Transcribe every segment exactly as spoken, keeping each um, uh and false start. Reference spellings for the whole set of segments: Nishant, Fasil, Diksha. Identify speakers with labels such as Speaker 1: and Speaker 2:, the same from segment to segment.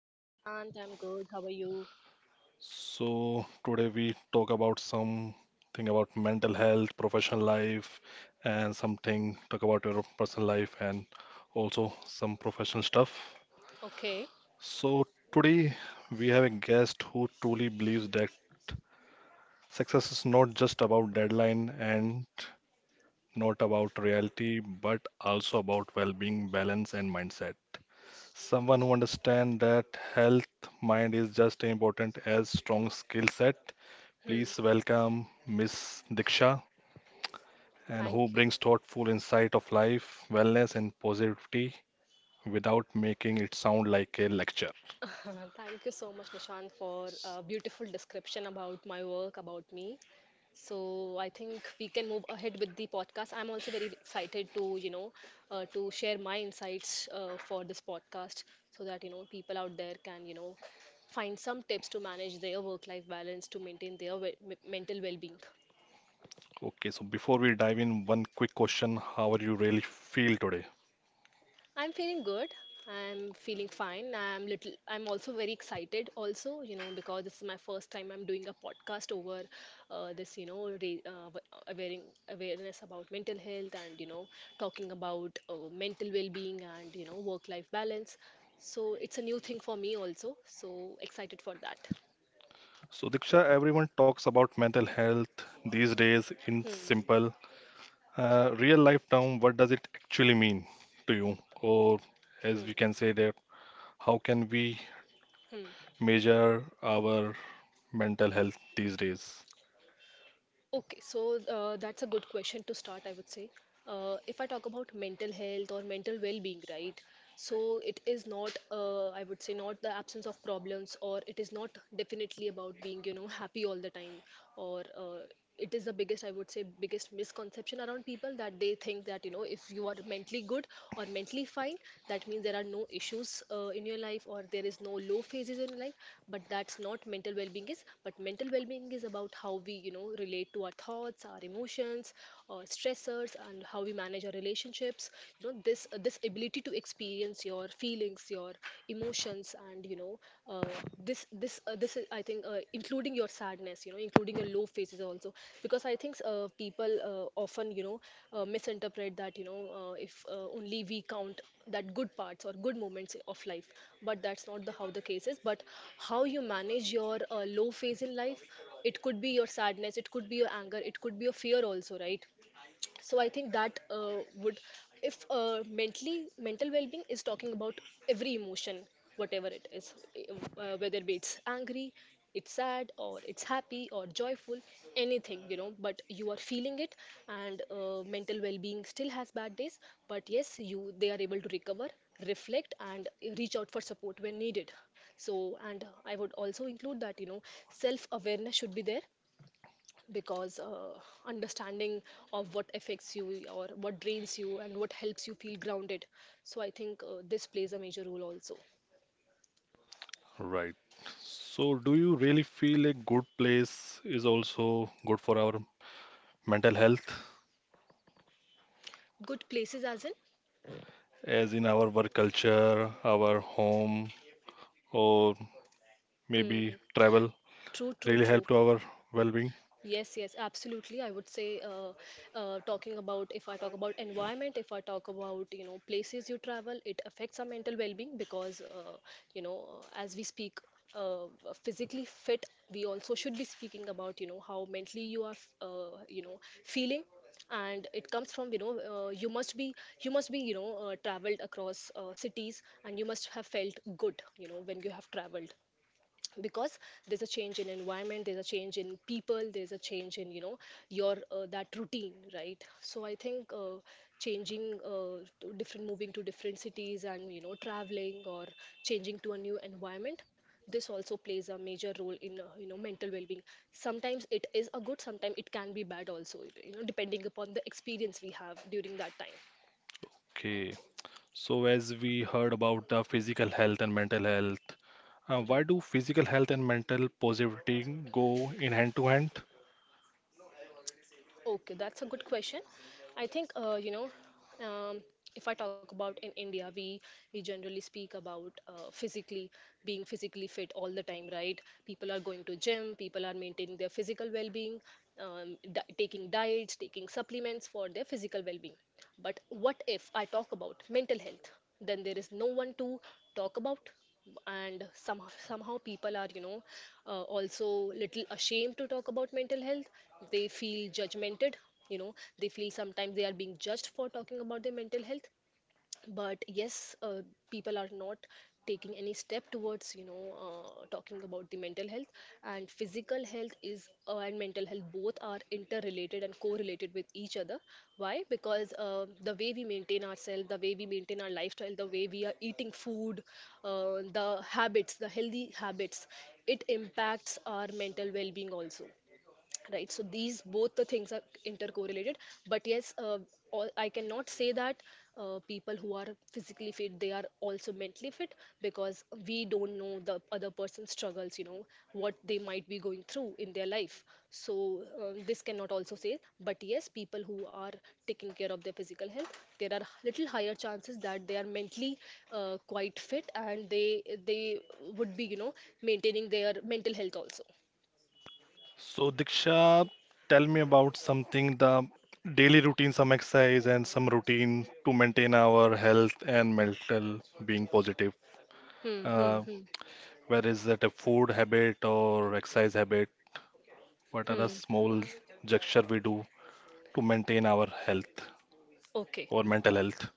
Speaker 1: Hello, Nishant. I'm good. How are you?
Speaker 2: So today we talk about something about mental health, professional life, and something talk about your personal life and also some professional stuff.
Speaker 1: Okay.
Speaker 2: So today we have a guest who truly believes that success is not just about deadline and not about reality, but also about well-being, balance, and mindset. Someone who understands that health mind is just as important as strong skill set.
Speaker 1: Hmm.
Speaker 2: Please welcome Miss Diksha and who
Speaker 1: Thank you.
Speaker 2: brings thoughtful insight of life, wellness and positivity without making it sound like a lecture.
Speaker 1: Thank you so much, Nishant, for a beautiful description about my work, about me. So I think we can move ahead with the podcast. I'm also very excited to, you know, uh, to share my insights uh, for this podcast so that, you know, people out there can, you know, find some tips to manage their work-life balance to maintain their we- me- mental well-being.
Speaker 2: Okay, so before we dive in, one quick question, how are you really feel today?
Speaker 1: I'm feeling good. I'm feeling fine. I'm little I'm also very excited also, you know, because this is my first time I'm doing a podcast over uh, this, you know, re- uh, awaring awareness about mental health and, you know, talking about uh, mental well-being and, you know, work-life balance. So it's a new thing for me also. So excited for that.
Speaker 2: So Diksha, everyone talks about mental health these days in
Speaker 1: Hmm.
Speaker 2: simple uh, real life term, what does it actually mean to you? Or as
Speaker 1: Hmm.
Speaker 2: we can say that, how can we
Speaker 1: Hmm.
Speaker 2: measure our mental health these days?
Speaker 1: Okay, so uh, that's a good question to start, I would say. Uh, if I talk about mental health or mental well being, right? So it is not, uh, I would say, not the absence of problems, or it is not definitely about being, you know, happy all the time, or uh, it is the biggest, I would say, biggest misconception around people that they think that, you know, if you are mentally good or mentally mentally fine, that means there are no issues uh, in your life, or there is no low phases in life. But that's not mental well-being is. But mental well-being is about how we, you know relate to our thoughts, our emotions, uh, stressors, and how we manage our relationships. You know this uh, this ability to experience your feelings, your emotions, and you know uh, this this uh, uh, this is, I think, uh, including your sadness, you know including your low phases also. Because I think uh, people uh, often you know uh, misinterpret that, you know uh, if uh, only we count that good parts or good moments of life. But that's not the how the case is. But how you manage your uh, low phase in life, it could be your sadness, it could be your anger, it could be your fear also, right? So I think that uh, would, if uh, mentally mental well-being is talking about every emotion, whatever it is, uh, whether be it's angry, it's sad, or it's happy or joyful, anything, you know but you are feeling it. And uh, mental well-being still has bad days, but yes, you they are able to recover, reflect, and reach out for support when needed. So, and I would also include that, you know self awareness should be there, because uh, understanding of what affects you or what drains you and what helps you feel grounded. So I think uh, this plays a major role also.
Speaker 2: Right. So, do you really feel a good place is also good for our mental health,
Speaker 1: Good places as in?
Speaker 2: as in our work culture, our home, or
Speaker 1: Hmm.
Speaker 2: maybe travel
Speaker 1: True, true,
Speaker 2: really
Speaker 1: true.
Speaker 2: help to our well-being?
Speaker 1: Yes, yes, absolutely. I would say, uh, uh, talking about, if I talk about environment, if I talk about, you know places you travel, it affects our mental well-being. Because uh, you know uh, as we speak, uh, uh, physically fit, we also should be speaking about, you know how mentally you are f- uh, you know feeling. And it comes from, you know uh, you must be you must be you know uh, traveled across uh, cities, and you must have felt good, you know when you have traveled. Because there's a change in environment, there's a change in people, there's a change in, you know your uh, that routine, right? So I think uh, changing uh, to different moving to different cities and, you know traveling, or changing to a new environment, this also plays a major role in uh, you know mental well-being. Sometimes it is a good, sometimes it can be bad also, you know depending upon the experience we have during that time.
Speaker 2: Okay. So, as we heard about the physical health and mental health, uh,
Speaker 1: Right?
Speaker 2: why do physical health and mental positivity go in hand to hand?
Speaker 1: Okay, that's a good question. I think uh, you know, um, if I talk about in India, we we generally speak about uh, physically being physically fit all the time, right? People are going to gym, people are maintaining their physical well-being, um, di- taking diets, taking supplements for their physical well-being. But what if I talk about mental health? Then there is no one to talk about, and some somehow people are, you know uh, also little ashamed to talk about mental health. They feel judgmented, you know they feel sometimes they are being judged for talking about their mental health. But yes, uh, people are not taking any step towards, you know uh, talking about the mental health. And physical health is uh, and mental health, both are interrelated and correlated with each other. Why? Because uh, the way we maintain ourselves, the way we maintain our lifestyle, the way we are eating food, uh, the habits, the healthy habits, it impacts our mental well-being also, right? So these both the things are intercorrelated. But yes, uh, all, I cannot say that uh, people who are physically fit, they are also mentally fit, because we don't know the other person's struggles, you know what they might be going through in their life. So uh, this cannot also say, but yes, people who are taking care of their physical health, there are little higher chances that they are mentally uh, quite fit, and they they would be, you know maintaining their mental health also.
Speaker 2: So, Diksha, tell me about something the daily routine, some exercise, and some routine to maintain our health and mental being positive.
Speaker 1: Hmm, hmm,
Speaker 2: Uh,
Speaker 1: hmm.
Speaker 2: where is that a food habit or exercise habit? What are the
Speaker 1: Hmm.
Speaker 2: small gesture we do to maintain our health
Speaker 1: Okay.
Speaker 2: or mental health?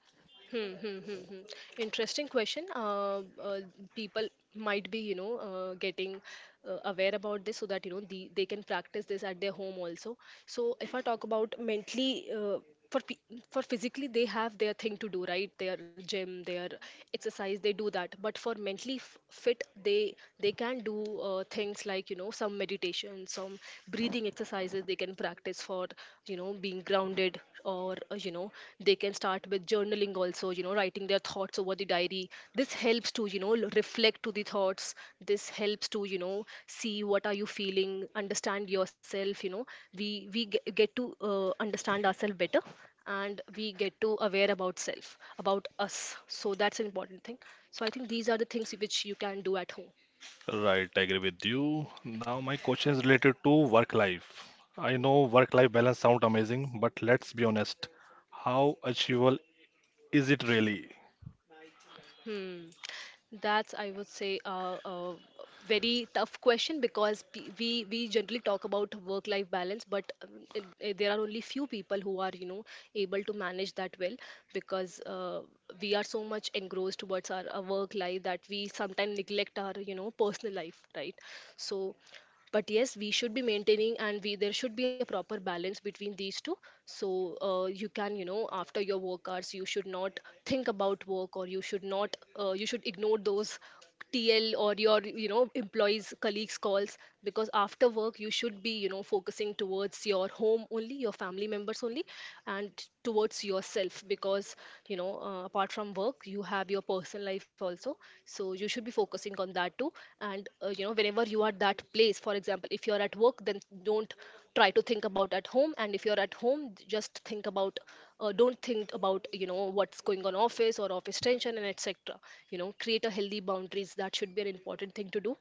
Speaker 1: Hmm, hmm, hmm, hmm. Interesting question. Uh, uh, people might be, you know, uh, getting uh, aware about this, so that, you know, the, they can practice this at their home also. So if I talk about mentally, uh, for pe- for physically, they have their thing to do, right? Their gym, their exercise, they do that. But for mentally f- fit, they they can do uh, things like, you know, some meditation, some breathing exercises. They can practice for, you know being grounded, or uh, you know they can start with journaling also, you know writing their thoughts over the diary. This helps to, you know l- reflect to the thoughts. This helps to, you know see what are you feeling, understand yourself. you know we we ge- get to uh, understand ourselves better, and we get to aware about self, about us. So that's an important thing. So I think these are the things which you can do at home.
Speaker 2: Right, I agree with you. Now, my question is related to work life. I know work life balance sound amazing, but let's be honest. How achievable is it really?
Speaker 1: Hmm. That's, I would say, uh, a very tough question. Because pe- we we generally talk about work-life balance, but um, it- it- there are only few people who are, you know, able to manage that well, because uh, we are so much engrossed towards our, our work life, that we sometimes neglect our, you know, personal life, right? So, but yes, we should be maintaining, and we there should be a proper balance between these two. So uh, you can, you know after your work hours, you should not think about work, or you should not uh, you should ignore those tl or your, you know employees, colleagues' calls. Because after work, you should be, you know focusing towards your home only, your family members only, and towards yourself yourself, because you know uh, apart from work, you have your personal life also. So you should be focusing on that too. And uh, you know whenever you are that place, for example, if you are at work, then don't try to think about at home. And if you're at home, just think about uh, don't think about, you know what's going on office, or office tension and etc. You know create a healthy boundaries, that should be an important thing to do.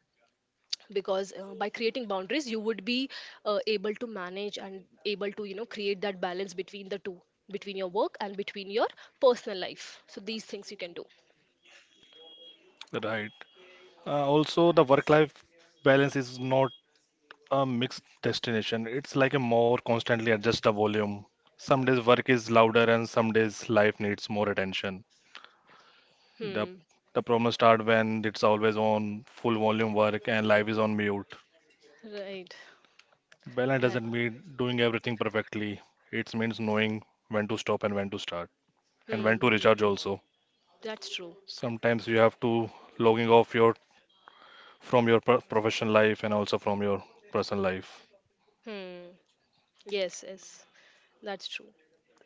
Speaker 1: Because uh, by creating boundaries, you would be, uh, able to manage, and able to, you know create that balance between the two, between your work and between your personal life. So these things you can do.
Speaker 2: Right. Uh, also, the work-life balance is not a mixed destination. It's like a more constantly adjust the volume. Some days work is louder and some days life needs more attention. The
Speaker 1: Hmm.
Speaker 2: the problem start when it's always on full volume work and
Speaker 1: Right,
Speaker 2: life is on mute. Balance
Speaker 1: right, right.
Speaker 2: doesn't mean doing everything perfectly. It means knowing when to stop and when to start and
Speaker 1: Hmm,
Speaker 2: when to
Speaker 1: hmm,
Speaker 2: recharge
Speaker 1: hmm.
Speaker 2: also.
Speaker 1: That's true.
Speaker 2: Sometimes you have to logging off your from your pro- professional life and also from your personal life.
Speaker 1: Hmm. Yes, yes, that's true.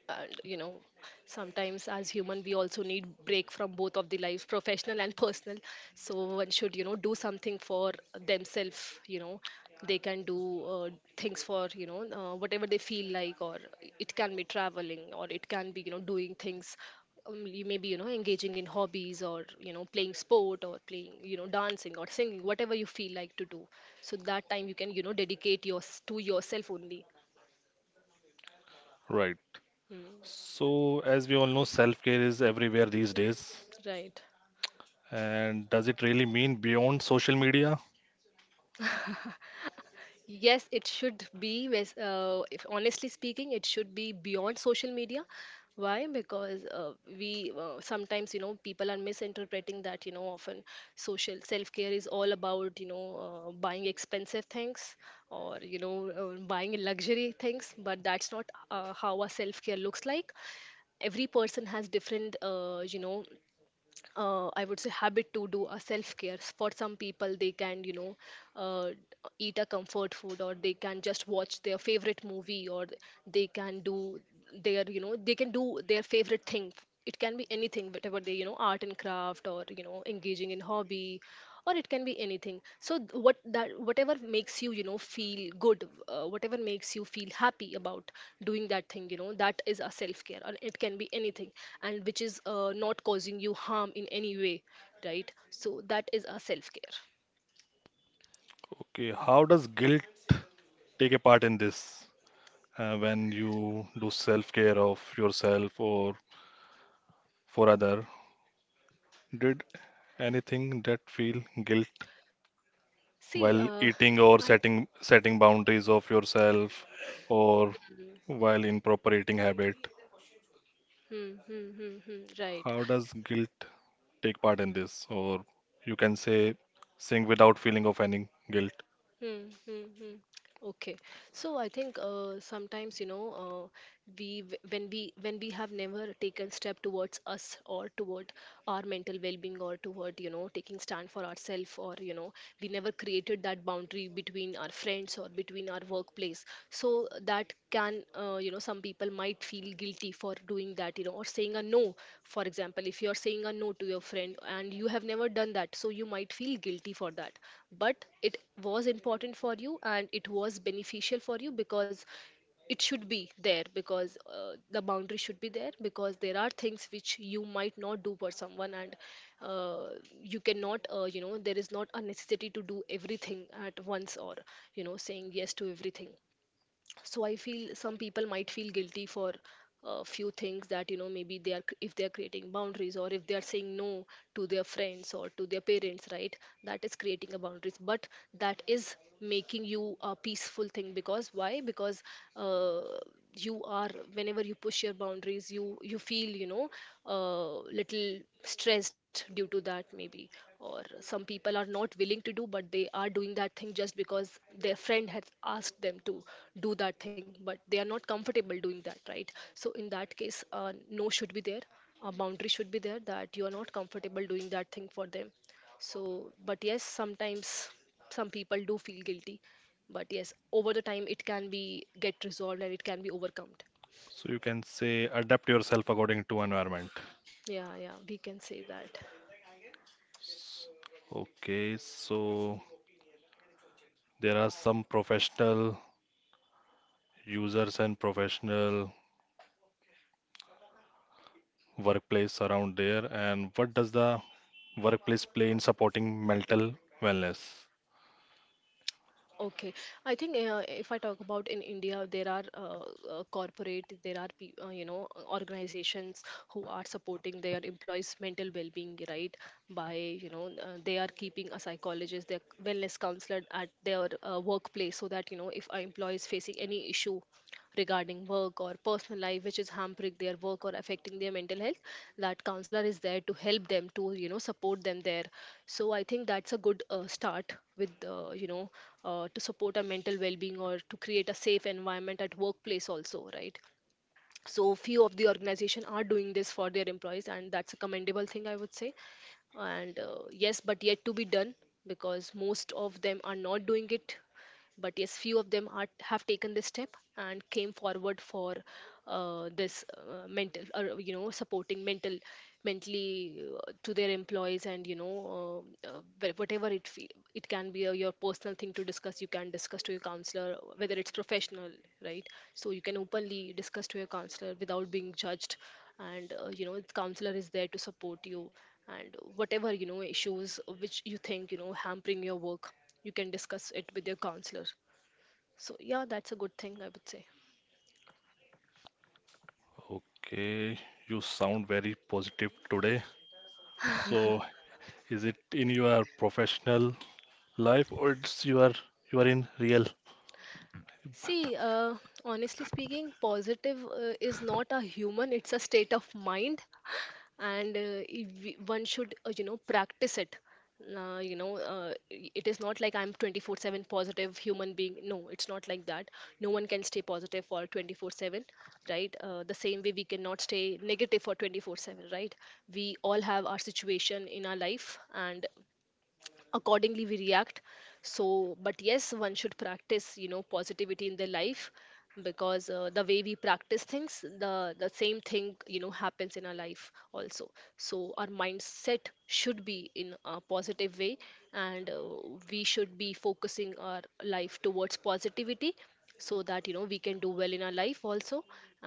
Speaker 1: And you know sometimes, as human, we also need break from both of the lives, professional and personal. So one should, you know do something for themselves. You know they can do uh, things for, you know uh, whatever they feel like, or it can be traveling, or it can be, you know doing things. Um, you maybe you know engaging in hobbies, or you know playing sport, or playing you know dancing or singing, whatever you feel like to do. So that time, you can, you know dedicate yours to yourself only.
Speaker 2: Right.
Speaker 1: Mm.
Speaker 2: So, as we all know, self-care is everywhere these days.
Speaker 1: Right.
Speaker 2: And does it really mean beyond social media?
Speaker 1: Yes, it should be. Wes- Uh, if honestly speaking, it should be beyond social media. Why? Because uh, we, uh, sometimes, you know, people are misinterpreting that, you know, often social self care is all about, you know, uh, buying expensive things, or, you know, uh, buying luxury things, but that's not uh, how our self care looks like. Every person has different, uh, you know, uh, I would say habit to do a self care. For some people, they can you know uh, eat a comfort food, or they can just watch their favorite movie, or they can do their you know they can do their favorite thing. It can be anything, whatever they you know art and craft, or you know engaging in hobby, or it can be anything. So th- what that whatever makes you you know feel good, uh, whatever makes you feel happy about doing that thing you know that is a self care, and it can be anything, and which is uh, not causing you harm in any way, right? So that is a self care.
Speaker 2: Okay, how does guilt take a part in this? Uh, when you do self-care of yourself or for other, did anything that feel guilt
Speaker 1: See, uh,
Speaker 2: while
Speaker 1: I
Speaker 2: eating or setting setting boundaries of yourself or
Speaker 1: hmm,
Speaker 2: while in proper eating habit?
Speaker 1: hmm, hmm, hmm, hmm, right.
Speaker 2: How does guilt take part in this? Or you can say sing without feeling of any guilt.
Speaker 1: Hmm, hmm, hmm. Okay. So I think, uh, sometimes, you know uh, we w- when we when we have never taken step towards us, or toward our mental well-being, or toward you know taking stand for ourselves, or you know we never created that boundary between our friends or between our workplace. So that can, uh, you know some people might feel guilty for doing that you know or saying a no. For example, if you are saying a no to your friend and you have never done that, so you might feel guilty for that, but it was important for you, and it was beneficial for you, because it should be there, because uh, the boundary should be there, because there are things which you might not do for someone. And uh, you cannot, uh, you know there is not a necessity to do everything at once, or you know saying yes to everything. So I feel some people might feel guilty for a few things that, you know maybe they are, cr- if they are creating boundaries, or if they are saying no to their friends or to their parents, right? That is creating a boundaries, but that is making you a peaceful thing. Because why? Because uh, you are whenever you push your boundaries, you you feel, you know uh, little stressed due to that maybe. Or some people are not willing to do, but they are doing that thing just because their friend has asked them to do that thing, but they are not comfortable doing that, right? So in that case, uh, no should be there, a boundary should be there, that you are not comfortable doing that thing for them. So, but yes, sometimes some people do feel guilty, but yes, over the time it can be get resolved and it can be overcome.
Speaker 2: So you can say adapt yourself according to environment.
Speaker 1: Yeah, yeah, we can say that.
Speaker 2: S- Okay, so there are some professional users and professional workplace around there. And what does the workplace play in supporting mental wellness?
Speaker 1: Okay, I think, uh, if I talk about in India, there are, uh, uh, corporate, there are pe- uh, you know uh, organizations who are supporting their employees' mental well-being, right? By, you know uh, they are keeping a psychologist, their wellness counselor at their uh, workplace, so that, you know if an employee is facing any issue regarding work or personal life which is hampering their work or affecting their mental health, that counselor is there to help them, to you know support them there. So I think that's a good uh, start with, uh, you know uh, to support our mental well-being, or to create a safe environment at workplace also, right? So few of the organization are doing this for their employees, and that's a commendable thing, I would say. And uh, yes, but yet to be done, because most of them are not doing it. But yes, few of them are, have taken this step and came forward for uh, this uh, mental, or you know supporting mental, mentally, uh, to their employees. And you know uh, uh, wh- whatever it feel, it can be uh, your personal thing to discuss, you can discuss to your counselor, whether it's professional, right? So you can openly discuss to your counselor without being judged. And uh, you know the counselor is there to support you, and whatever you know issues which you think you know hampering your work, you can discuss it with your counselor. So yeah, that's a good thing, I would say.
Speaker 2: Okay, you sound very positive today. So is it in your professional life or it's you are you are in real?
Speaker 1: See, uh, honestly speaking, positive, uh, is not a human, it's a state of mind. And uh, if we- one should, uh, you know practice it. Uh, you know uh, i- it is not like I'm twenty four seven positive human being. No, it's not like that. No one can stay positive for twenty four seven, right? Uh, the same way we cannot stay negative for twenty four seven, right? We all have our situation in our life, and accordingly we react. So, but yes, one should practice, you know positivity in their life. Because uh, the way we practice things, the the same thing, you know happens in our life also. So our mindset should be in a positive way, and uh, we should be focusing our life towards positivity, so that, you know we can do well in our life also.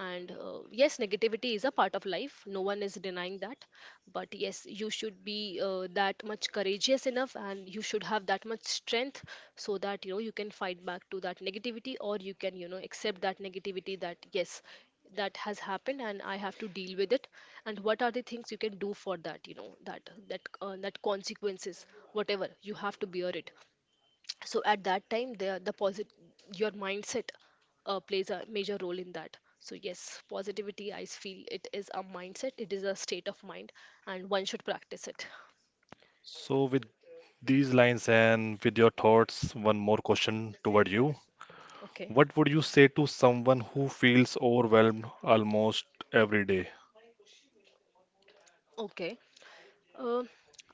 Speaker 1: And uh, yes, negativity is a part of life, no one is denying that. But yes, you should be uh, that much courageous enough, and you should have that much strength, so that, you know you can fight back to that negativity, or you can, you know accept that negativity, that yes, that has happened and I have to deal with it. And what are the things you can do for that, you know that that uh, that consequences, whatever you have to bear it. So at that time, the the posit- your mindset uh, plays a major role in that. So yes, positivity, I feel it is a mindset, it is a state of mind, and one should practice it.
Speaker 2: So with these lines and with your thoughts, one more question toward you.
Speaker 1: Okay.
Speaker 2: What would you say to someone who feels overwhelmed almost every day?
Speaker 1: Okay, uh,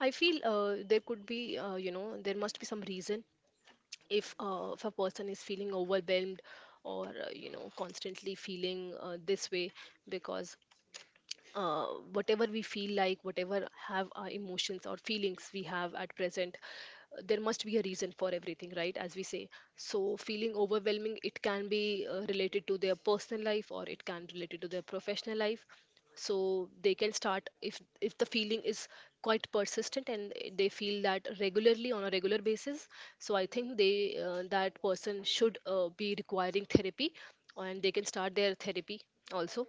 Speaker 1: I feel, uh, there could be, uh, you know there must be some reason, if uh, if a person is feeling overwhelmed, or uh, you know constantly feeling uh, this way. Because uh, whatever we feel like, whatever have our emotions or feelings we have at present, there must be a reason for everything, right, as we say. So feeling overwhelming, it can be uh, related to their personal life, or it can related to their professional life. So they can start, if if the feeling is quite persistent and they feel that regularly on a regular basis, so I think they, uh, that person should uh, be requiring therapy, and they can start their therapy also,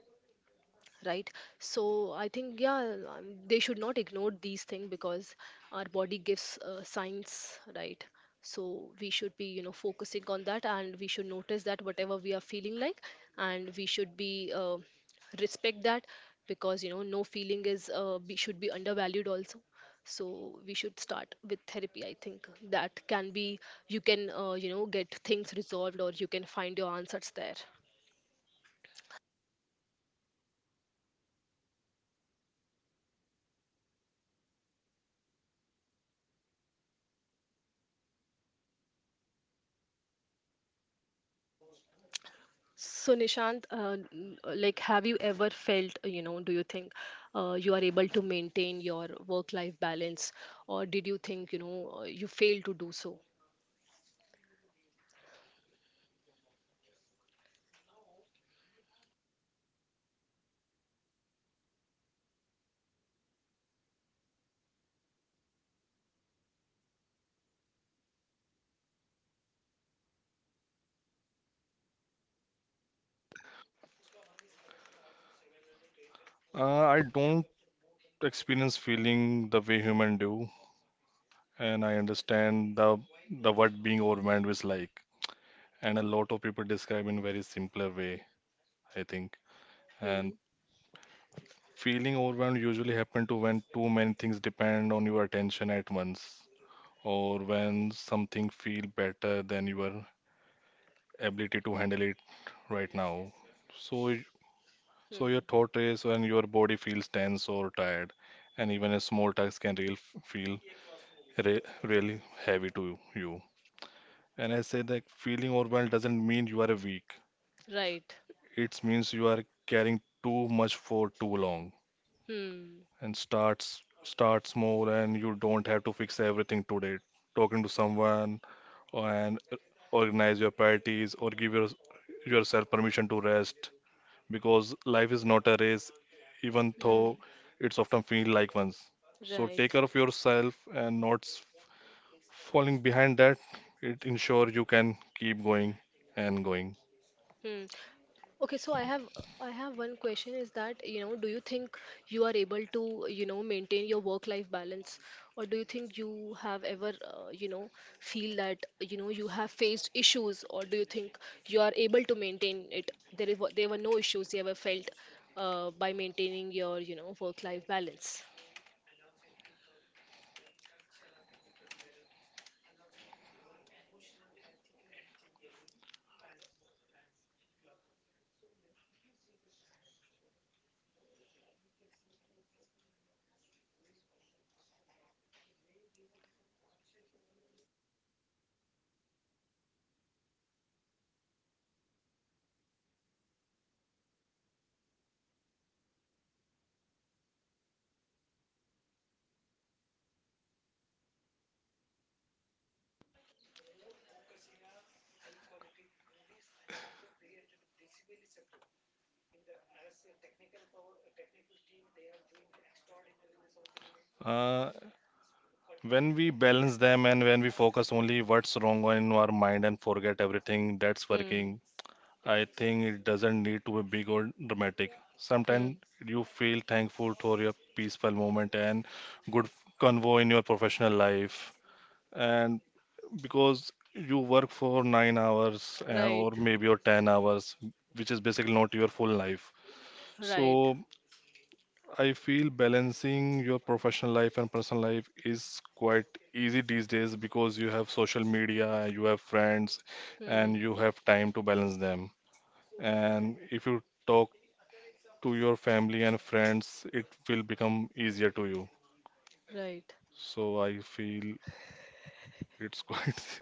Speaker 1: right? So I think, yeah, um, they should not ignore these things, because our body gives uh, signs, right? So we should be, you know focusing on that, and we should notice that whatever we are feeling like, and we should be uh, respect that, because, you know no feeling is, uh, be, should be undervalued also. So we should start with therapy, I think that can be, you can uh, you know get things resolved, or you can find your answers there. So, Nishant, uh, n- uh, like, have you ever felt, uh, you know, do you think uh, you are able to maintain your work-life balance, or did you think, you know, uh, you failed to do so?
Speaker 2: Uh, I don't experience feeling the way human do, and I understand the the what being overwhelmed is like, and a lot of people describe in very simpler way, I think.
Speaker 1: Hmm.
Speaker 2: And feeling overwhelmed usually happen to when too many things depend on your attention at once, or when something feel better than your ability to handle it right now. So So
Speaker 1: Hmm.
Speaker 2: your thought race and your body feels tense or tired, and even a small task can real feel re really heavy to you. And I say that feeling overwhelmed doesn't mean you are weak.
Speaker 1: Right.
Speaker 2: It means you are carrying too much for too long.
Speaker 1: Hmm.
Speaker 2: And starts start small, and you don't have to fix everything today. Talking to someone and organize your priorities or give your, yourself permission to rest, because life is not a race, even
Speaker 1: Hmm.
Speaker 2: though it's often feel like one's. So take
Speaker 1: Right.
Speaker 2: care of yourself and not s- falling behind that. It ensure you can keep going and going.
Speaker 1: Hmm. Okay, so I have I have one question is that, you know, do you think you are able to, you know, maintain your work-life balance, or do you think you have ever, uh, you know, feel that, you know, you have faced issues, or do you think you are able to maintain it? There is there were no issues you ever felt, uh, by maintaining your, you know, work-life balance.
Speaker 2: Uh, when we balance them and when we focus only what's wrong in our mind and forget everything that's
Speaker 1: Hmm.
Speaker 2: working, I think it doesn't need to be big or dramatic.
Speaker 1: Hmm.
Speaker 2: Sometimes you feel thankful for your peaceful moment and good convo in your professional life and because you work for nine hours uh,
Speaker 1: Right.
Speaker 2: or maybe or ten hours, which is basically not your full life.
Speaker 1: Right.
Speaker 2: So I feel balancing your professional life and personal life is quite easy these days because you have social media, you have friends, and
Speaker 1: Hmm.
Speaker 2: you have time to balance them. And if you talk to your family and friends, it will become easier to you.
Speaker 1: Right.
Speaker 2: So I feel it's quite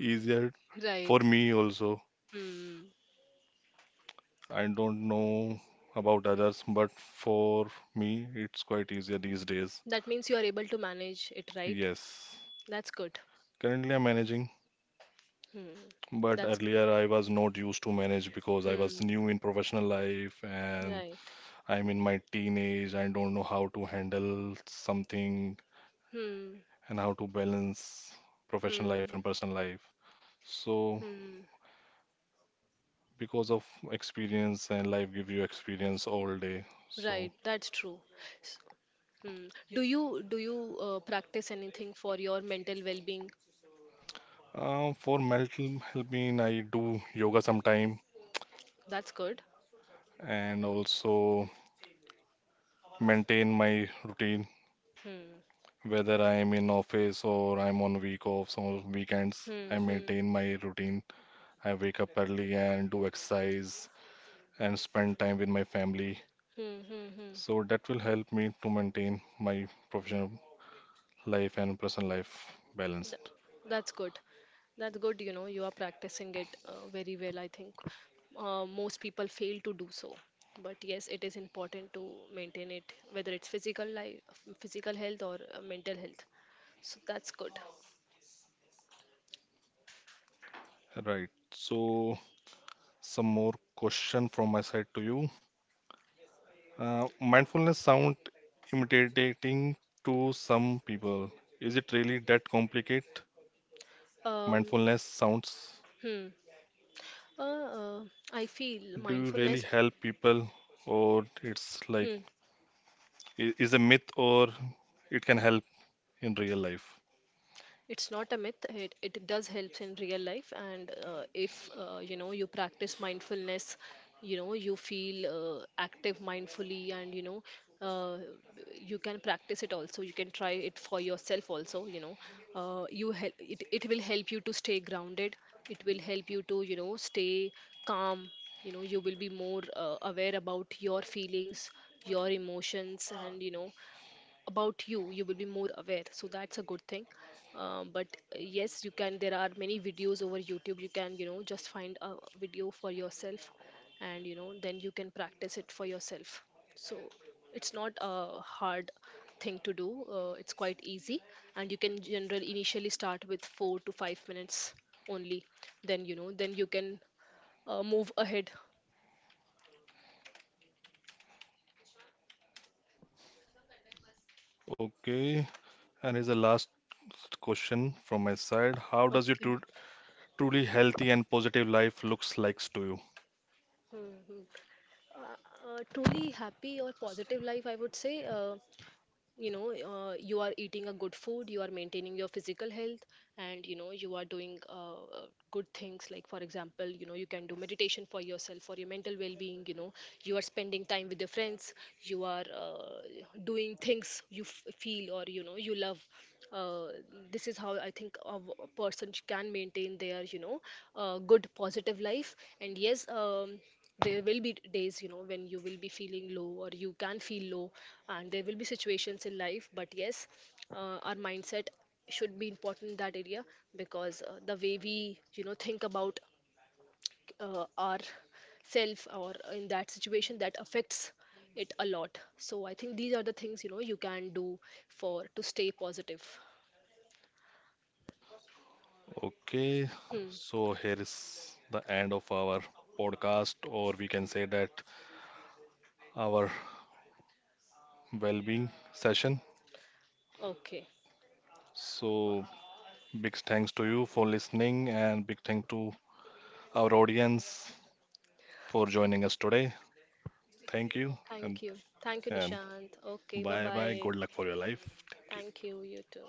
Speaker 2: easier for
Speaker 1: Right.
Speaker 2: me also.
Speaker 1: Hmm.
Speaker 2: I don't know about others, but for me, it's quite easier these days.
Speaker 1: That means you are able to manage it, right?
Speaker 2: Yes.
Speaker 1: That's good.
Speaker 2: Currently, I'm managing,
Speaker 1: Hmm.
Speaker 2: but
Speaker 1: That's good.
Speaker 2: earlier I was not used to manage because I was
Speaker 1: Hmm.
Speaker 2: new in professional life and
Speaker 1: Right.
Speaker 2: I'm in my teenage. I don't know how to handle something
Speaker 1: Hmm.
Speaker 2: and how to balance professional
Speaker 1: Hmm.
Speaker 2: life and personal life. So,
Speaker 1: Hmm.
Speaker 2: because of experience and life give you experience all day. So,
Speaker 1: Right. That's true. S- Hmm. Do you do you uh, practice anything for your mental well-being?
Speaker 2: uh, for mental helping, I do yoga sometime
Speaker 1: That's good.
Speaker 2: and also maintain my routine
Speaker 1: Hmm.
Speaker 2: whether I am in office or I'm on week offs or weekends. I
Speaker 1: Hmm. Hmm.
Speaker 2: maintain my routine. I wake up early and do exercise and spend time with my family.
Speaker 1: Hmm. Hmm. hmm.
Speaker 2: So that will help me to maintain my professional life and personal life balanced.
Speaker 1: That's good. That's good. You know, you are practicing it uh, very well, I think. Uh, most people fail to do so. But yes, it is important to maintain it, whether it's physical life, physical health, or uh, mental health. So that's good.
Speaker 2: Right. So some more question from my side to you. Uh, mindfulness sound intimidating to some people. Is it really that complicated?
Speaker 1: Um,
Speaker 2: Mindfulness sounds
Speaker 1: hmm. Uh, uh, I feel
Speaker 2: do really
Speaker 1: mindfulness.
Speaker 2: help people or it's like
Speaker 1: Hmm.
Speaker 2: i- is a myth or it can help in real life.
Speaker 1: It's not a myth, it, it does helps in real life, and uh, if uh, you know you practice mindfulness, you know you feel uh, active mindfully, and, you know uh, you can practice it also, you can try it for yourself also, you know uh, you hel- it, it will help you to stay grounded, it will help you to, you know stay calm. You know you will be more uh, aware about your feelings, your emotions, and, you know about you you will be more aware, so that's a good thing. Um, but uh, yes, you can, there are many videos over YouTube, you can, you know just find a video for yourself, and, you know then you can practice it for yourself. So it's not a hard thing to do, uh, it's quite easy, and you can generally initially start with four to five minutes only, then, you know then you can uh, move ahead.
Speaker 2: Okay, and here's the last question from my side, how does your
Speaker 1: Okay.
Speaker 2: tru- truly healthy and positive life looks like to you?
Speaker 1: Hmm. Hmm. Uh, uh, truly happy or positive life, I would say, uh, you know uh, you are eating a good food, you are maintaining your physical health, and, you know you are doing, uh, uh, good things, like for example, you know you can do meditation for yourself, for your mental well-being, you know you are spending time with your friends, you are, uh, doing things you f- feel, or, you know you love, uh, this is how I think a w- a person sh- can maintain their, you know, uh, good positive life. And yes, um, there will be days, you know when you will be feeling low, or you can feel low, and there will be situations in life, but yes, uh, our mindset should be important in that area, because uh, the way we, you know think about uh, our self, or in that situation, that affects it a lot. So I think these are the things, you know you can do, for to stay positive.
Speaker 2: Okay,
Speaker 1: Hmm.
Speaker 2: so here is the end of our podcast, or we can say that our well-being session.
Speaker 1: Okay.
Speaker 2: So big thanks to you for listening and big thank to our audience for joining us today. Thank you.
Speaker 1: Thank
Speaker 2: And
Speaker 1: you. Thank you,
Speaker 2: and
Speaker 1: Nishant. Okay, bye
Speaker 2: Bye bye.
Speaker 1: bye.
Speaker 2: Good luck for your life. Thank you.
Speaker 1: Thank you, you too.